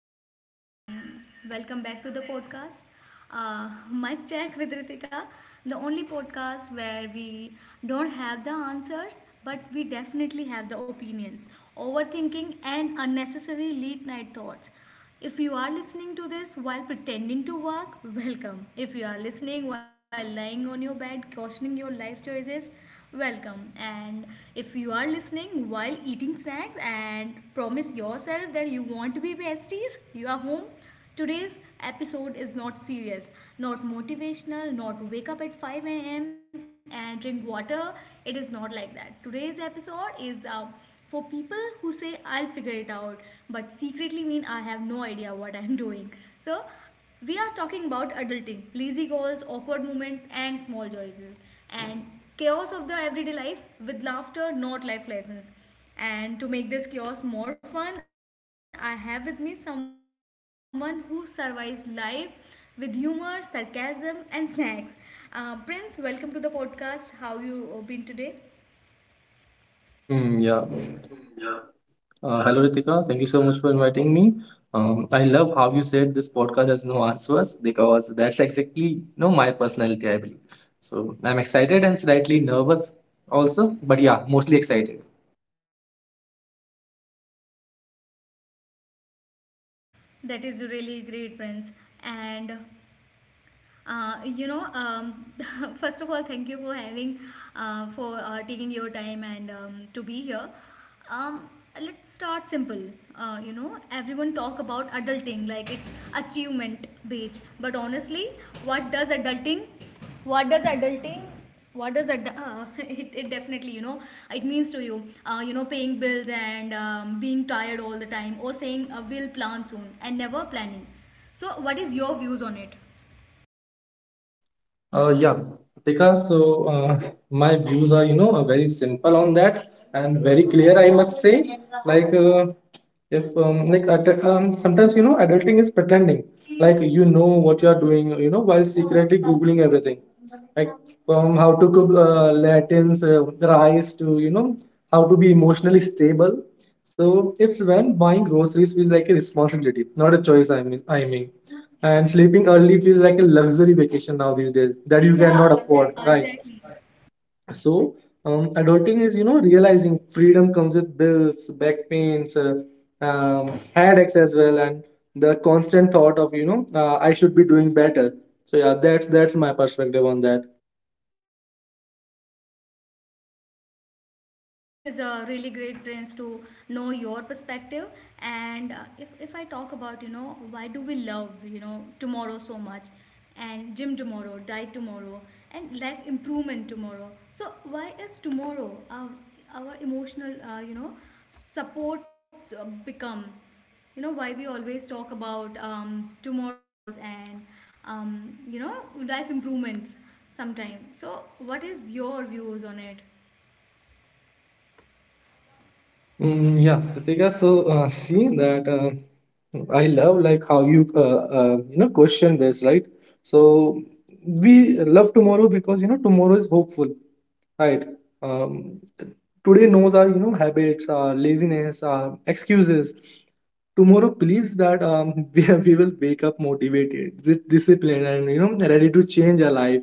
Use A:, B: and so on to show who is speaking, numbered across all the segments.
A: everyone, and welcome back to the podcast. Mic Check with Ritika, the only podcast where we don't have the answers, but we definitely have the opinions, overthinking, and unnecessary late night thoughts. If you are listening to this while pretending to work, welcome. If you are listening while lying on your bed, questioning your life choices, welcome. And if you are listening while eating snacks and promise yourself that you want to be besties, you are home. Today's episode is not serious, not motivational, not wake up at 5 a.m. and drink water. It is not like that. Today's episode is for people who say I'll figure it out but secretly mean I have no idea what I'm doing. So we are talking about adulting, lazy goals, awkward moments, and small joys, and chaos of the everyday life with laughter, not life lessons. And to make this chaos more fun, I have with me someone who survives life with humor, sarcasm, and snacks. Prince, welcome to the podcast. How you been today?
B: Hmm, yeah. Hello, Ritika. Thank you so much for inviting me. I love how you said this podcast has no answers because that's exactly my personality, I believe. So I'm excited and slightly nervous also, but yeah, mostly excited.
A: That is really great, Prince. And uh, you know um, first of all thank you for having for taking your time and to be here. um, let's start simple. Everyone talk about adulting like it's achievement based, but honestly, what does adulting what does adulting what does ad- it definitely you know it means to you. You know, paying bills and being tired all the time, or saying we'll plan soon and never planning. So what is your views on it?
B: Yeah, Tika. So uh, my views are, you know, are very simple on that and very clear. I must say, like if like at, sometimes you know, adulting is pretending. Like you know what you are doing, you know, while secretly googling everything. Like from how to cook Latins rice to you know how to be emotionally stable. So it's when buying groceries feels like a responsibility, not a choice. I mean, and sleeping early feels like a luxury vacation now these days that you cannot afford,
A: Yeah,
B: right?
A: exactly.
B: So, adulting is, you know, realizing freedom comes with bills, back pains, um, headaches as well, and the constant thought of, you know, I should be doing better. So yeah, that's my perspective on that.
A: This is a really great chance to know your perspective. And if I talk about, you know, why do we love, you know, tomorrow so much, and gym tomorrow, diet tomorrow, and life improvement tomorrow. So, why is our emotional, you know, support become? You know, why we always talk about tomorrows and, you know, life improvements sometime. So, what is your views on it?
B: Yeah, Ritika, see that I love like how you you know question this, right? So we love tomorrow because you know tomorrow is hopeful. Right. Um, Today knows our you know habits, our laziness, our excuses. Tomorrow believes that we will wake up motivated, disciplined, and you know ready to change our life.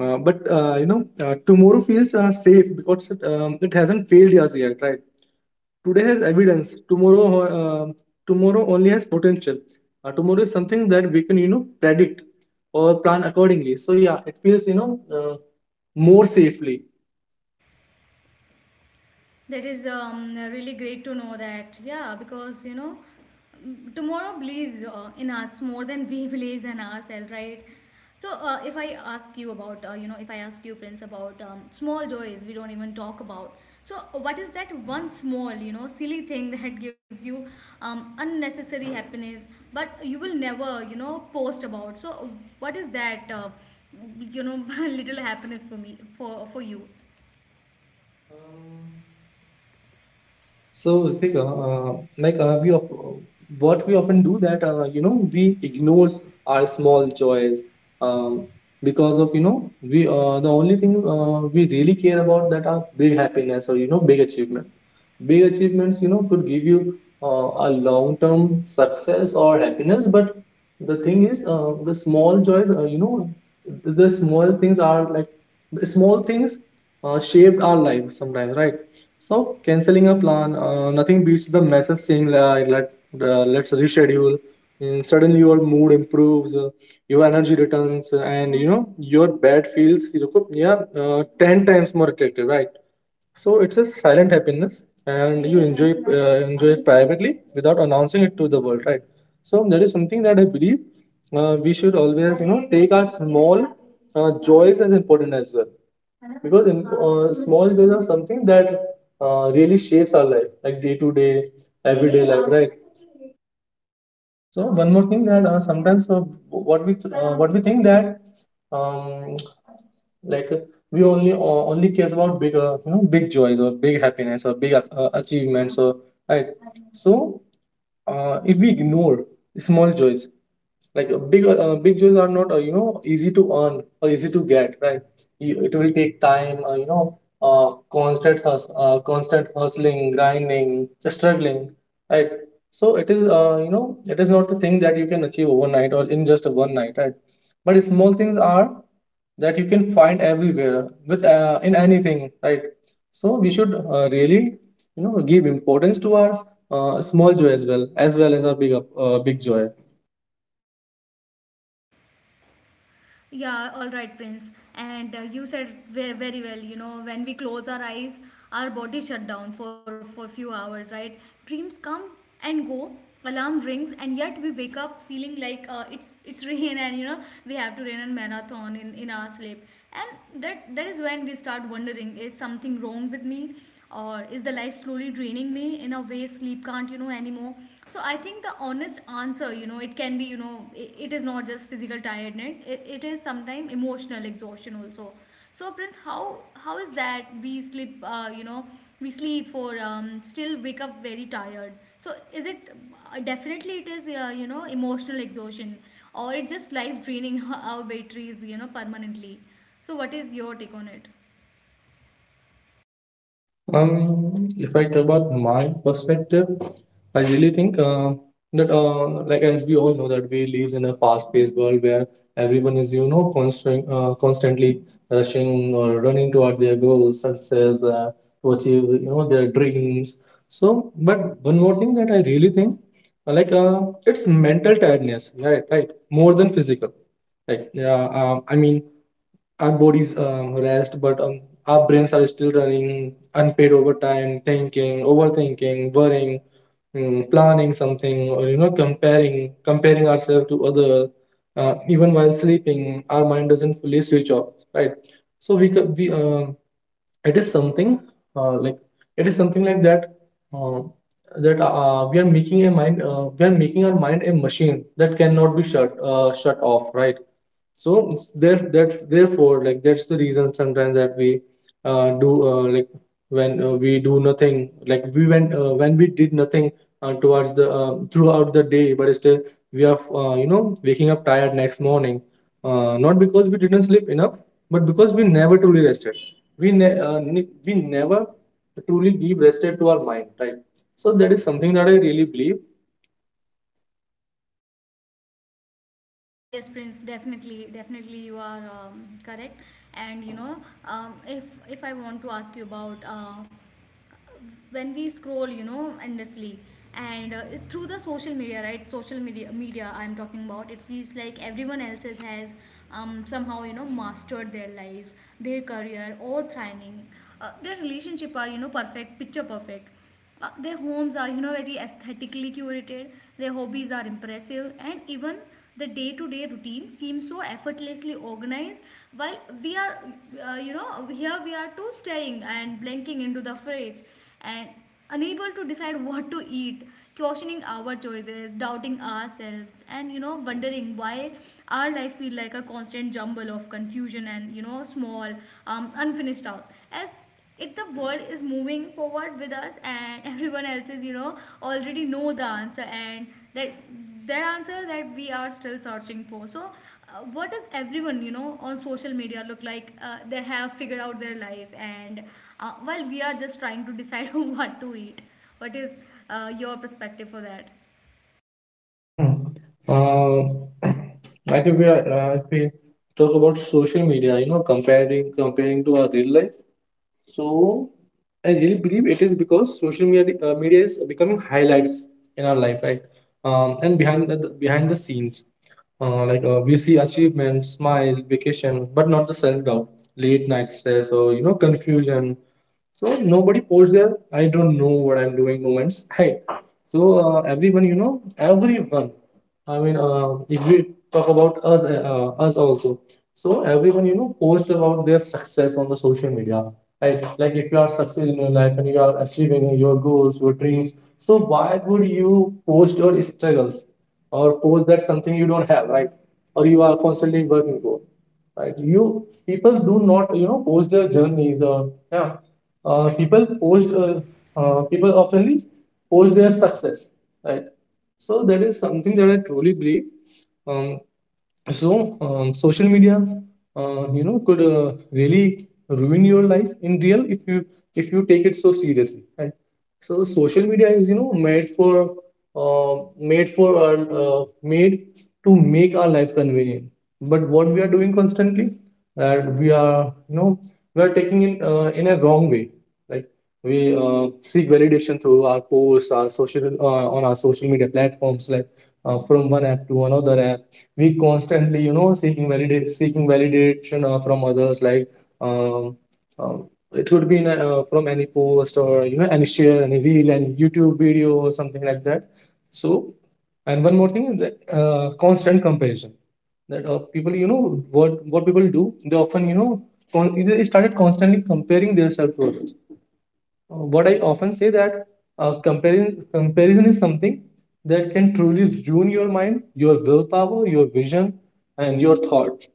B: But you know tomorrow feels safe because it hasn't failed us yet, right? Today has evidence. Tomorrow only has potential. Tomorrow is something that we can you know predict or plan accordingly, so yeah, it feels you know uh, more safely.
A: That is really great to know that. Yeah, because you know, tomorrow believes in us more than we believe in ourselves, right? So, if I ask you about, if I ask you, Prince, about small joys we don't even talk about. So, what is that one small, you know, silly thing that gives you unnecessary happiness, but you will never, you know, post about? So, what is that, you know, little happiness for me, for you?
B: So, Ritik, what we often do that you know we ignore our small joys, um, because of you know we the only thing we really care about that are big happiness or you know big achievement. Big achievements you know could give you a long term success or happiness, but the thing is the small joys you know the small things are like the small things shaped our life sometimes, right? So canceling a plan, nothing beats the message saying let's reschedule. Mm, suddenly your mood improves, your energy returns, and you know your bed feels you know, yeah ten times more attractive, right? So it's a silent happiness, and you enjoy enjoy it privately without announcing it to the world, right? So that is something that I believe we should always, you know, take our small joys as important as well, because small joys are something that really shapes our life, like day to day, everyday life, right? So one more thing that sometimes what we th- what we think that um, like uh, we only only cares about big you know big joys or big happiness or big achievements or right. So if we ignore small joys, like big jobs are not you know easy to earn or easy to get, right? You, it will take time, you know, constant hustling, grinding, struggling, right? So it is you know it is not a thing that you can achieve overnight or in just one night, right? But small things are that you can find everywhere with in anything, right? So we should really you know give importance to our small joy as well as well as our big big joy.
A: Yeah, all right, Prince. And you said very, very well, you know, when we close our eyes, our body shut down for few hours, right? Dreams come and go, alarm rings, and yet we wake up feeling like it's rain, and you know, we have to run a marathon in our sleep. And that is when we start wondering, is something wrong with me? Or is the life slowly draining me in a way sleep can't you know anymore? So I think the honest answer, you know, it can be, you know, it is not just physical tiredness, it is sometimes emotional exhaustion also. So Prince, how is that we sleep, we sleep for, still wake up very tired? So is it, definitely it is, you know, emotional exhaustion, or it just life draining our batteries you know permanently? So what is your take on it?
B: If I talk about my perspective, I really think that like as we all know, that we live in a fast-paced world where everyone is, you know, constantly rushing or running toward their goals, success, to achieve, you know, their dreams. So, but one more thing that I really think, it's mental tiredness, right? Right, more than physical. Like, yeah, I mean, our bodies rest, but our brains are still running unpaid overtime, thinking, overthinking, worrying, mm, planning something, or you know, comparing ourselves to other. Even while sleeping, our mind doesn't fully switch off, right? So we could we it is something like it is something like that. Uh, that we are making a mind We are making our mind a machine that cannot be shut off, right? So it's there that's therefore like that's the reason sometimes that we do like when we do nothing like we went when we did nothing towards the throughout the day, but still we are you know waking up tired next morning, not because we didn't sleep enough, but because we never truly rested. We never truly give rested to our mind, right? So that is something that I really believe.
A: Yes, Prince, definitely, you are correct. And you know, if I want to ask you about when we scroll, you know, endlessly, and it's through the social media, right? Social media. I'm talking about. It feels like everyone else's has, somehow, you know, mastered their life, their career, or thriving. Their relationship are, you know, perfect, picture perfect. Their homes are you know very aesthetically curated, their hobbies are impressive, and even the day-to-day routine seems so effortlessly organized, while we are, you know, here we are too staring and blinking into the fridge, and unable to decide what to eat, questioning our choices, doubting ourselves, and you know wondering why our life feels like a constant jumble of confusion, and you know small, unfinished tasks, as if the world is moving forward with us, and everyone else is you know already know the answer, and that that answer that we are still searching for. So what does everyone you know on social media look like, they have figured out their life, and while we are just trying to decide what to eat? What is your perspective for that?
B: uh, I think we are, if we talk about social media, you know, comparing to our real life, so I really believe it is because social media is becoming highlights in our life, right? And behind the scenes, we see achievements, smile, vacation, but not the self doubt, late night stress, or you know, confusion. So nobody posed their "I don't know what I'm doing" moments, right? So everyone you know everyone, I mean if we talk about us, us also. So everyone you know post about their success on the social media, right? Like if you are successful in your life and you are achieving your goals, your dreams, so why would you post your struggles or post that something you don't have, right? Or you are constantly working for, right? You, people do not you know post their journeys or yeah, uh, people post uh, people oftenly post their success, right? So that is something that I truly believe. Um, so, um, social media, you know, could really ruin your life in real if you, if you take it so seriously, right? So, social media is you know made for made for our made to make our life convenient. But what we are doing constantly, that we are you know we are taking it in a wrong way. Like we seek validation through our posts, our social on our social media platforms, like from one app to another app, we constantly you know seeking validation from others, like um, um, it could be in a, from any post or you know any share, any reel, any youtube video or something like that. So, and one more thing is that constant comparison, that people you know what people do, they often you know they started constantly comparing themselves to others. What I often say that comparison is something that can truly ruin your mind, your willpower, your vision, and your thought.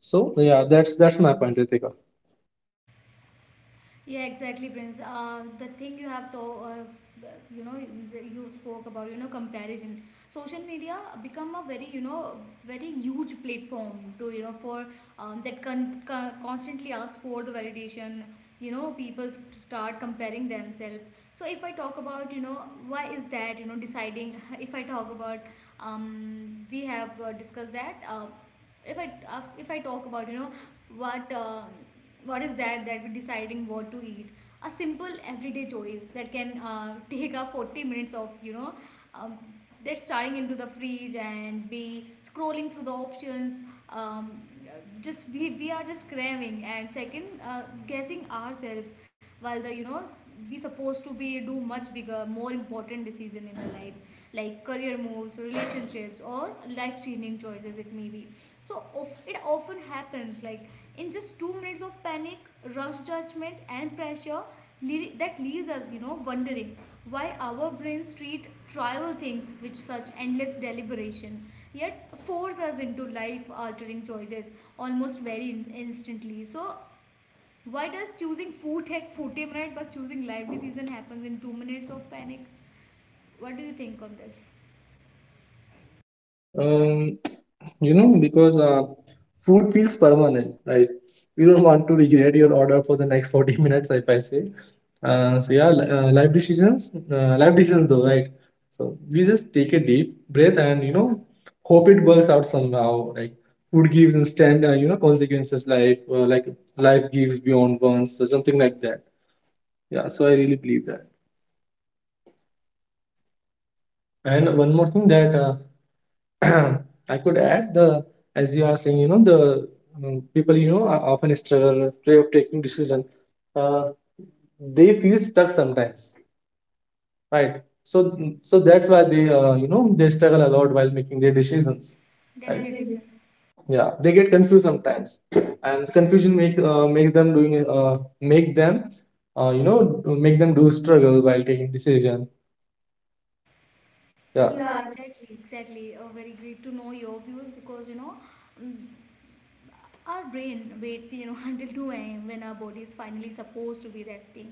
B: So yeah, that's my point, Ritika.
A: Yeah, exactly, Prince. The thing you have to, you know, you spoke about, you know, comparison. Social media become a very, you know, very huge platform to, you know, for, that constantly ask for the validation. You know, people start comparing themselves. So if I talk about, you know, why is that? You know, deciding. If I talk about, we have discussed that. If I talk about, you know, what um, what is that that we're deciding what to eat, a simple everyday choice that can take a 40 minutes of, you know, um, that starting into the fridge and be scrolling through the options. Um, we are just craving and second guessing ourselves, while the you know we supposed to be do much bigger more important decision in the life, like career moves, relationships, or life changing choices it may be. So it often happens like, in just 2 minutes of panic, rush judgment, and pressure that leaves us you know wondering why our brains treat trivial things with such endless deliberation, yet force us into life altering choices almost very instantly. So why does choosing food take 40 minutes, but choosing life decision happens in 2 minutes of panic? What do you think on this?
B: Um, You know, because food feels permanent. Like you don't want to regret your order for the next 40 minutes, if I say. So yeah, life decisions though, right? So we just take a deep breath and you know, hope it works out somehow. Like food gives instant, you know, consequences. Like life gives beyond once, so something like that. Yeah, so I really believe that. And one more thing that I could add the as you are saying, you know, the people you know are often struggle with way of taking decision. Uh, they feel stuck sometimes, right? So so that's why they you know they struggle a lot while making their decisions. Right?
A: Definitely, Prince.
B: Yeah, they get confused sometimes, and confusion makes makes them doing make them you know make them do struggle while taking decision.
A: Yeah,
B: Yeah.
A: yeah, exactly, exactly. Very great to know your views because you know, mm, our brain wait you know until 2 a.m when our body is finally supposed to be resting,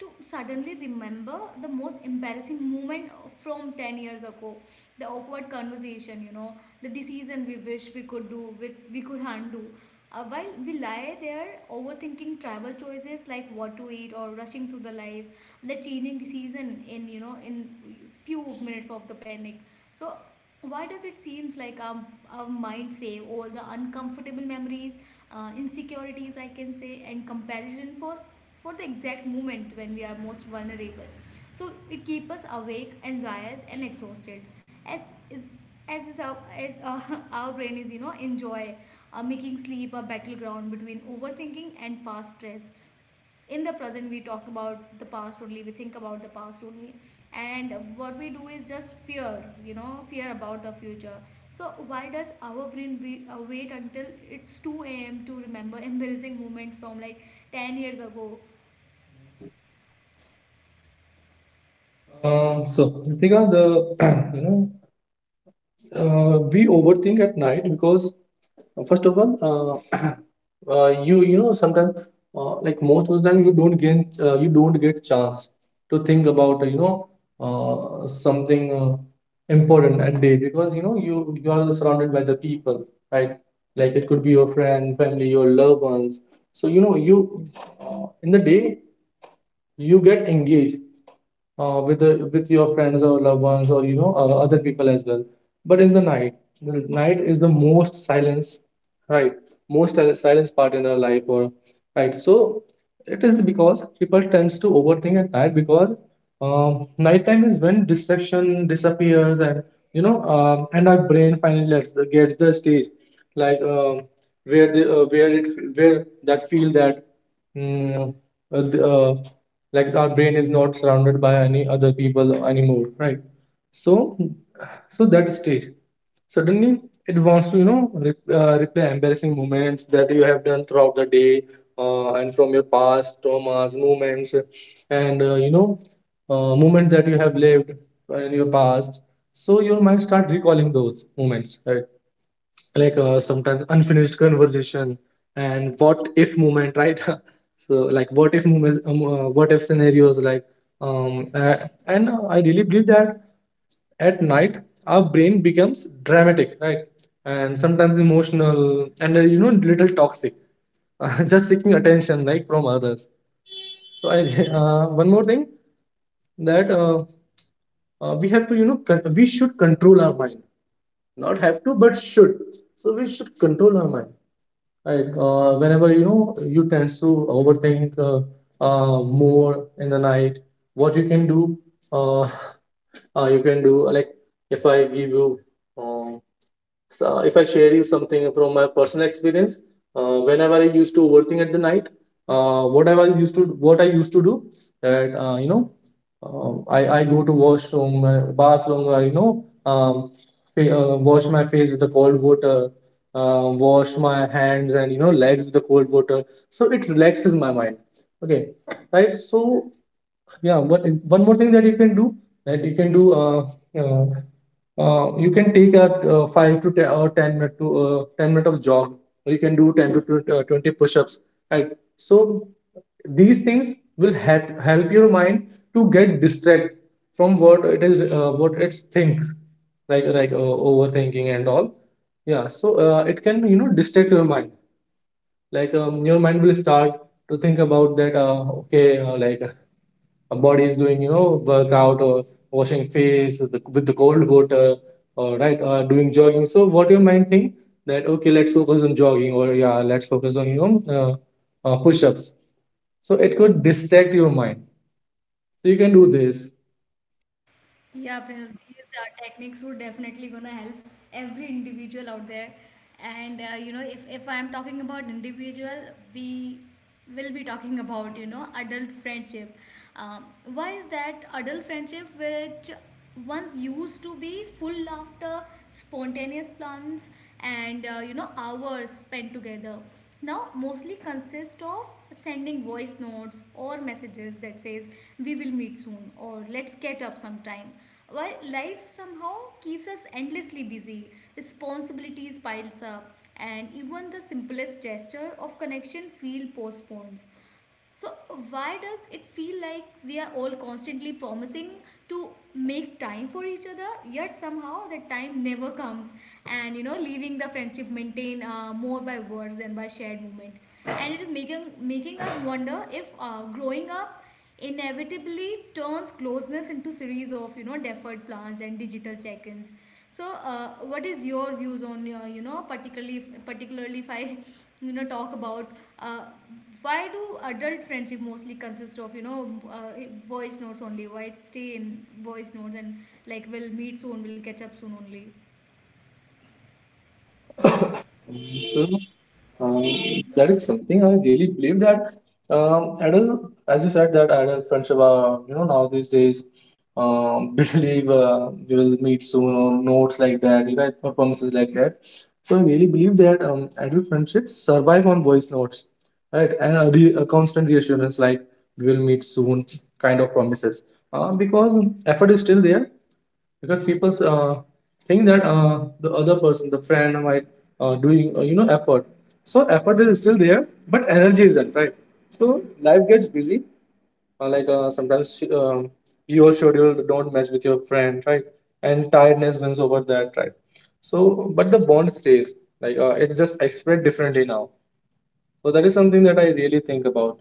A: to suddenly remember the most embarrassing moment from 10 years ago, the awkward conversation you know, the decision we wish we could undo, while we lie there overthinking travel choices like what to eat, or rushing through the life, the changing decision in you know in few minutes of the panic. So why does it seems like our mind save all the uncomfortable memories, insecurities I can say, and comparison for the exact moment when we are most vulnerable, so it keeps us awake, anxious, and exhausted, as is, as is our, as our brain is you know enjoy making sleep a battleground between overthinking and past stress? In the present we talk about the past only, we think about the past only, and what we do is just fear you know fear about the future. So why does our brain wait until it's 2 a.m to remember embarrassing moment from like 10 years ago?
B: Mhm. So Ritika, the you know we overthink at night because first of all, you know sometimes, like most of the time you don't gain you don't get chance to think about something important at day because you know you are surrounded by the people, right? Like it could be your friend, family, your loved ones. So you know you, in the day, you get engaged with your friends or loved ones, or you know other people as well. But in the night, the night is the most silence, right? Most silence part in our life, or right. So it is because people tends to overthink at night because nighttime is when distraction disappears. And and our brain finally gets the stage, like, where the where it where that feel that mm, the, like our brain is not surrounded by any other people anymore, right? So so that stage, suddenly, it wants to, you know, replay embarrassing moments that you have done throughout the day, and from your past traumas moments, and you know moments that you have lived in your past. So your mind start recalling those moments, right? Like sometimes unfinished conversation, and what if moment, right? So like what if moments, what if scenarios, like, um uh, and I really believe that at night our brain becomes dramatic, right? And sometimes emotional, and you know, little toxic. Just seeking attention, like from others. So I one more thing, that we have to, you know, we should control our mind. Not have to, but should. So we should control our mind. Right. Whenever you know you tend to overthink, more in the night, what you can do, uh, you can do like, if I give you, uh, so if I share you something from my personal experience, whenever I used to overthink at the night, what I used to do, that, I go to washroom, bathroom, or wash my face with the cold water, wash my hands and you know legs with the cold water. So it relaxes my mind. Okay, right? So yeah, one more thing that you can do, that you can do uh, uh, you can take a 5 to 10 or 10 minute to 10 minute of jog, or you can do 20 push-ups, right? So these things will help your mind to get distract from what it is what it thinks, like, overthinking and all. Yeah, so it can, you know, distract your mind. Like, your mind will start to think about that, okay, like body is doing, you know, workout, or washing face with with the cold water, or right, doing jogging. So what your mind think, that okay, let's focus on jogging, or yeah, let's focus on, you know, push-ups. So it could distract your mind. So you can do this.
A: Yeah, Prince, these techniques would definitely gonna help every individual out there. And you know, if I'm talking about individual, we will be talking about you know adult friendship. Um, why is that adult friendship, which once used to be full laughter, spontaneous plans, and you know hours spent together, now mostly consist of sending voice notes or messages that says we will meet soon or let's catch up sometime, while life somehow keeps us endlessly busy, responsibilities piles up, and even the simplest gesture of connection feel postponed. So, why does it feel like we are all constantly promising to make time for each other, yet somehow that time never comes, and you know, leaving the friendship maintained more by words than by shared moment, and it is making us wonder if growing up inevitably turns closeness into series of you know deferred plans and digital check-ins? So what is your views on your you know particularly, if I you know talk about, uh, why do adult friendship mostly consist of you know, uh, voice notes only, why it stay in voice notes and like we'll meet soon, we'll catch up soon only?
B: So, Um, that is something I really believe, that adult, as you said, that adult friendship are, you know, now these days, believe you will meet soon, or notes like that, you know, or promises like that. So I really believe that adult friendships survive on voice notes, right? And a constant reassurance like, we will meet soon kind of promises, because effort is still there, because people think that the other person, the friend, might I, doing, you know, effort? So effort is still there, but energy isn't, right? So life gets busy. Sometimes, your schedule don't match with your friend, right? And tiredness wins over that, right? So, but the bond stays. Like, it's just expressed differently now. So that is something that I really think about.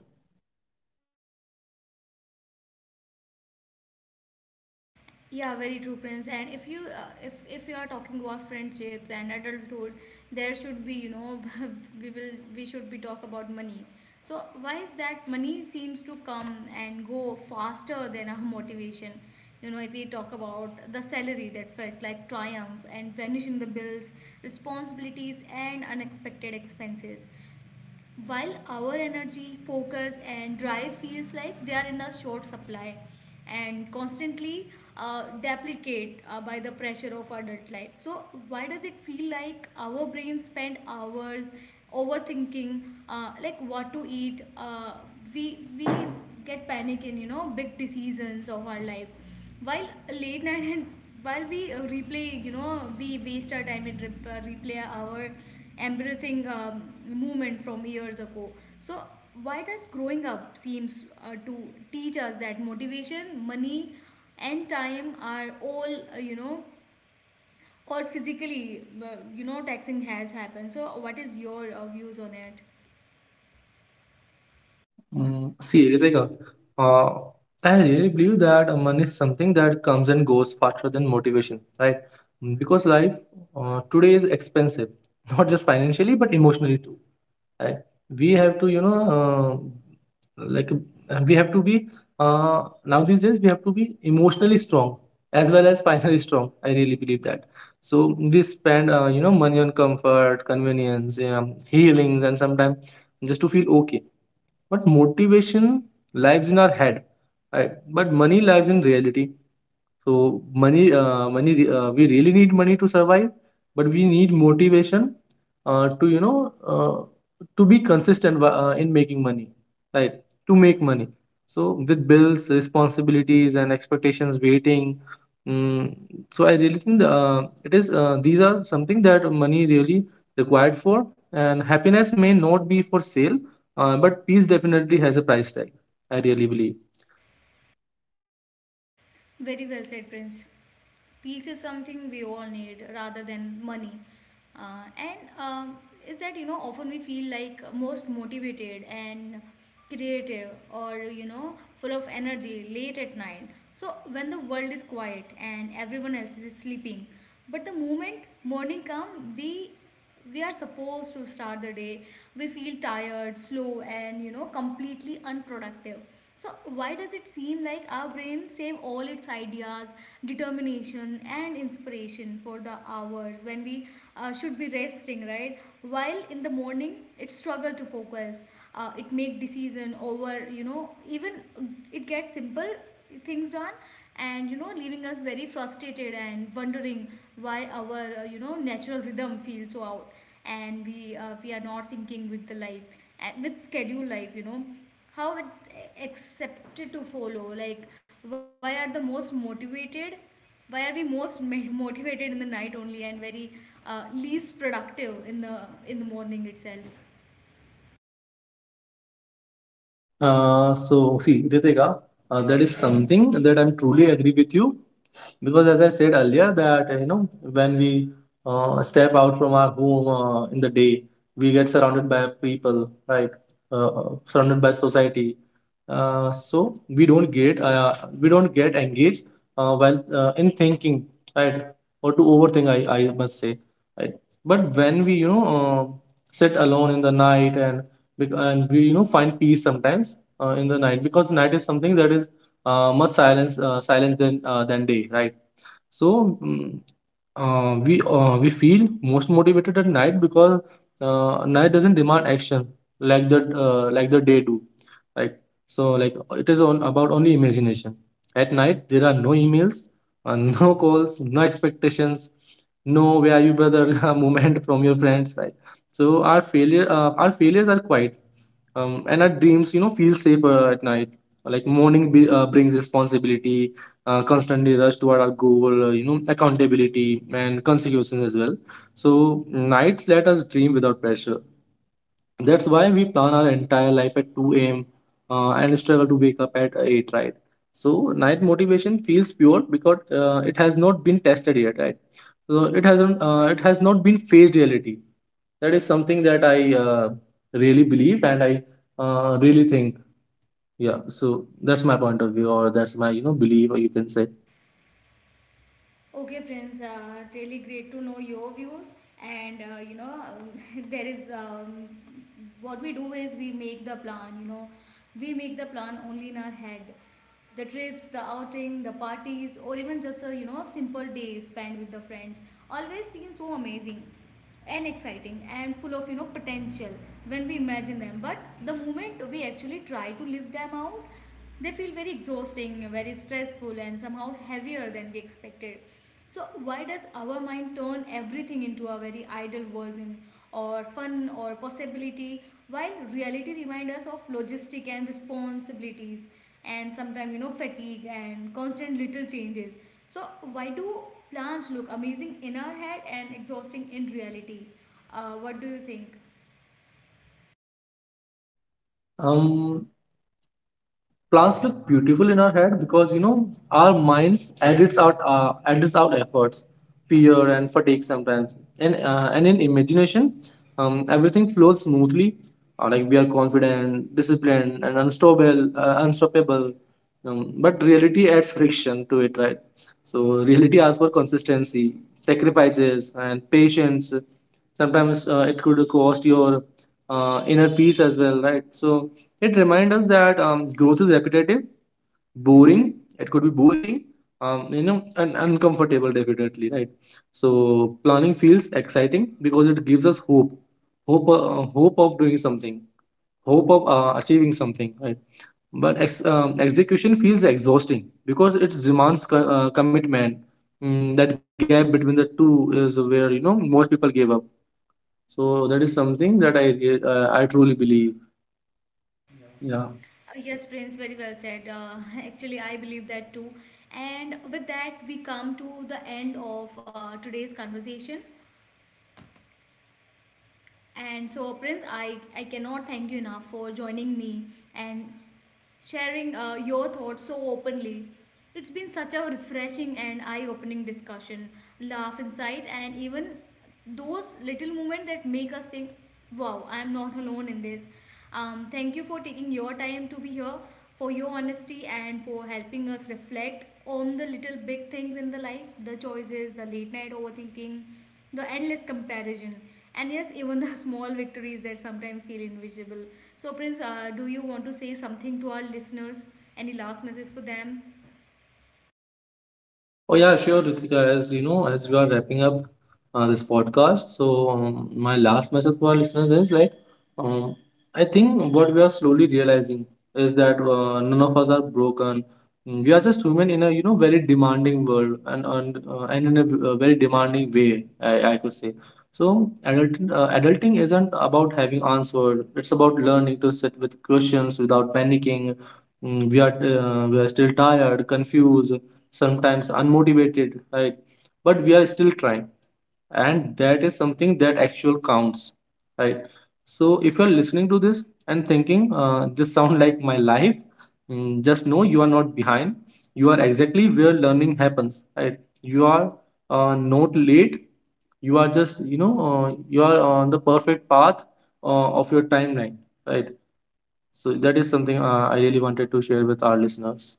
A: Yeah, very true, Prince. And if you are talking about friendships and adulthood, there should be you know we should be talk about money. So why is that money seems to come and go faster than our motivation? You know, if we talk about the salary that felt like triumph and vanishing the bills, responsibilities and unexpected expenses while our energy, focus, and drive feels like they are in a short supply and constantly depleted by the pressure of adult life. So, why does it feel like our brains spend hours overthinking, like what to eat? We get panic in you know big decisions of our life while late night and while we replay you know we waste our time and replay our embarrassing moment from years ago. So why does growing up seems to teach us that motivation, money and time are all you know or physically you know taxing has happened? So what is your views on it?
B: Mm, see, Ritika, uh, I really believe that money is something that comes and goes faster than motivation, right? Mm. Because life today is expensive, not just financially, but emotionally too, right? We have to, you know, like, we have to be, now these days, we have to be emotionally strong as well as finally strong. I really believe that. So we spend, you know, money on comfort, convenience, yeah, healings, and sometimes just to feel okay. But motivation lives in our head, right? But money lives in reality. So we really need money to survive, but we need motivation to, you know, uh, to be consistent in making money, right? To make money. So with bills, responsibilities, and expectations waiting. Mm, so I really think the, it is. These are something that money really required for, and happiness may not be for sale, but peace definitely has a price tag. I really believe.
A: Very well said, Prince. Peace is something we all need rather than money. And Is that you know often we feel like most motivated and creative, or you know full of energy late at night, so when the world is quiet and everyone else is sleeping, but the moment morning comes, we are supposed to start the day, we feel tired, slow, and you know completely unproductive. So why does it seem like our brain save all its ideas, determination and inspiration for the hours when we should be resting, right, while in the morning it struggle to focus, it make decision over you know even it gets simple things done, and you know leaving us very frustrated and wondering why our you know natural rhythm feels so out, and we are not syncing with the life and with schedule life, you know how it accepted to follow? Like, why are the most motivated, why are we most motivated in the night only and very least productive in the morning itself?
B: So see, Ritika, that is something that I'm truly agree with you, because as I said earlier, that you know, when we, step out from our home in the day, we get surrounded by people, right? Surrounded by society. So we don't get, we don't get engaged, while in thinking, right? Or to overthink, I must say, right? But when we, you know, sit alone in the night, and and we, you know, find peace sometimes in the night, because night is something that is much silence silence than day, right? So, mm, we feel most motivated at night because night doesn't demand action like the like the day do, right? So, like, it is on about only imagination. At night there are no emails, no calls, no expectations, no "Where are you, brother?" moment from your friends, right? So our failures are quiet, and our dreams, you know, feel safer at night. Like morning brings responsibility, constantly rush toward our goal, you know, accountability and consequences as well. So nights let us dream without pressure. That's why we plan our entire life at 2 a.m. And struggle to wake up at 8, right? So night motivation feels pure because it has not been tested yet, right? So it has not been phased reality. That is something that I really believe, and I really think. Yeah, so that's my point of view, or that's my, you know, belief, or you can say.
A: Okay, Prince, really great to know your views. And you know, there is what we do is we make the plan, you know, we make the plan only in our head. The trips, the outing, the parties, or even just a you know simple day spent with the friends always seem so amazing and exciting and full of you know potential when we imagine them, but the moment we actually try to live them out, they feel very exhausting, very stressful, and somehow heavier than we expected. So why does our mind turn everything into a very idle version or fun or possibility while reality reminds us of logistic and responsibilities and sometimes you know fatigue and constant little changes? So, why do plants look amazing in our head and exhausting in reality? What do you think?
B: Um, Plants look beautiful in our head, because you know our minds edits out efforts, fear and fatigue sometimes. And in imagination, everything flows smoothly, like we are confident, disciplined, and unstoppable. But reality adds friction to it, right? So reality asks for consistency, sacrifices, and patience. Sometimes it could cost your inner peace as well, right? So it reminds us that, growth is repetitive, boring. It could be boring, you know, and uncomfortable, definitely, right? So planning feels exciting because it gives us hope. Hope of doing something, hope of achieving something, right? But execution feels exhausting because it demands commitment. Mm, that gap between the two is where, you know, most people give up. So that is something that I truly believe. Yeah.
A: Yes, Prince, very well said. Actually, I believe that too. And with that, we come to the end of today's conversation. And so, Prince, I cannot thank you enough for joining me and sharing your thoughts so openly. It's been such a refreshing and eye opening discussion, laugh, insight, and even those little moments that make us think, wow, I'm not alone in this. Thank you for taking your time to be here, for your honesty, and for helping us reflect on the little big things in the life, the choices, the late night overthinking, the endless comparison, and yes, even the small victories that sometimes feel invisible. So, Prince, do you want to say something to our listeners? Any last message for them?
B: Oh yeah, sure, Ritika. As you know, as we are wrapping up this podcast, so my last message for our listeners is like, um, I think what we are slowly realizing is that none of us are broken. Mm. We are just human in a, you know, very demanding world, and and in a very demanding way, I could say. So adulting isn't about having answered. It's about learning to sit with questions without panicking. Mm, we are still tired, confused, sometimes unmotivated, right? But we are still trying, and that is something that actual counts, right? So if you're listening to this and thinking, this sound like my life. Mm, just know, you are not behind. You are exactly where learning happens, right? You are, not late. You are just, you know, you are on the perfect path of your timeline, right? So that is something I really wanted to share with our listeners.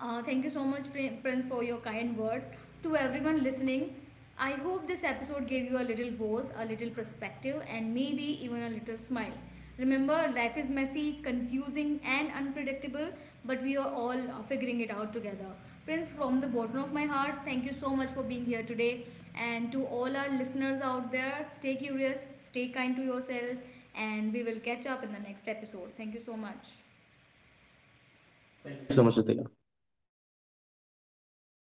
A: Thank you so much, Prince, for your kind word. To everyone listening, I hope this episode gave you a little pause, a little perspective, and maybe even a little smile. Remember, life is messy, confusing, and unpredictable, but we are all figuring it out together. Prince, from the bottom of my heart, thank you so much for being here today. And to all our listeners out there, stay curious, stay kind to yourself, and we will catch up in the next episode. Thank you so much.
B: Thank you so much, Ritika.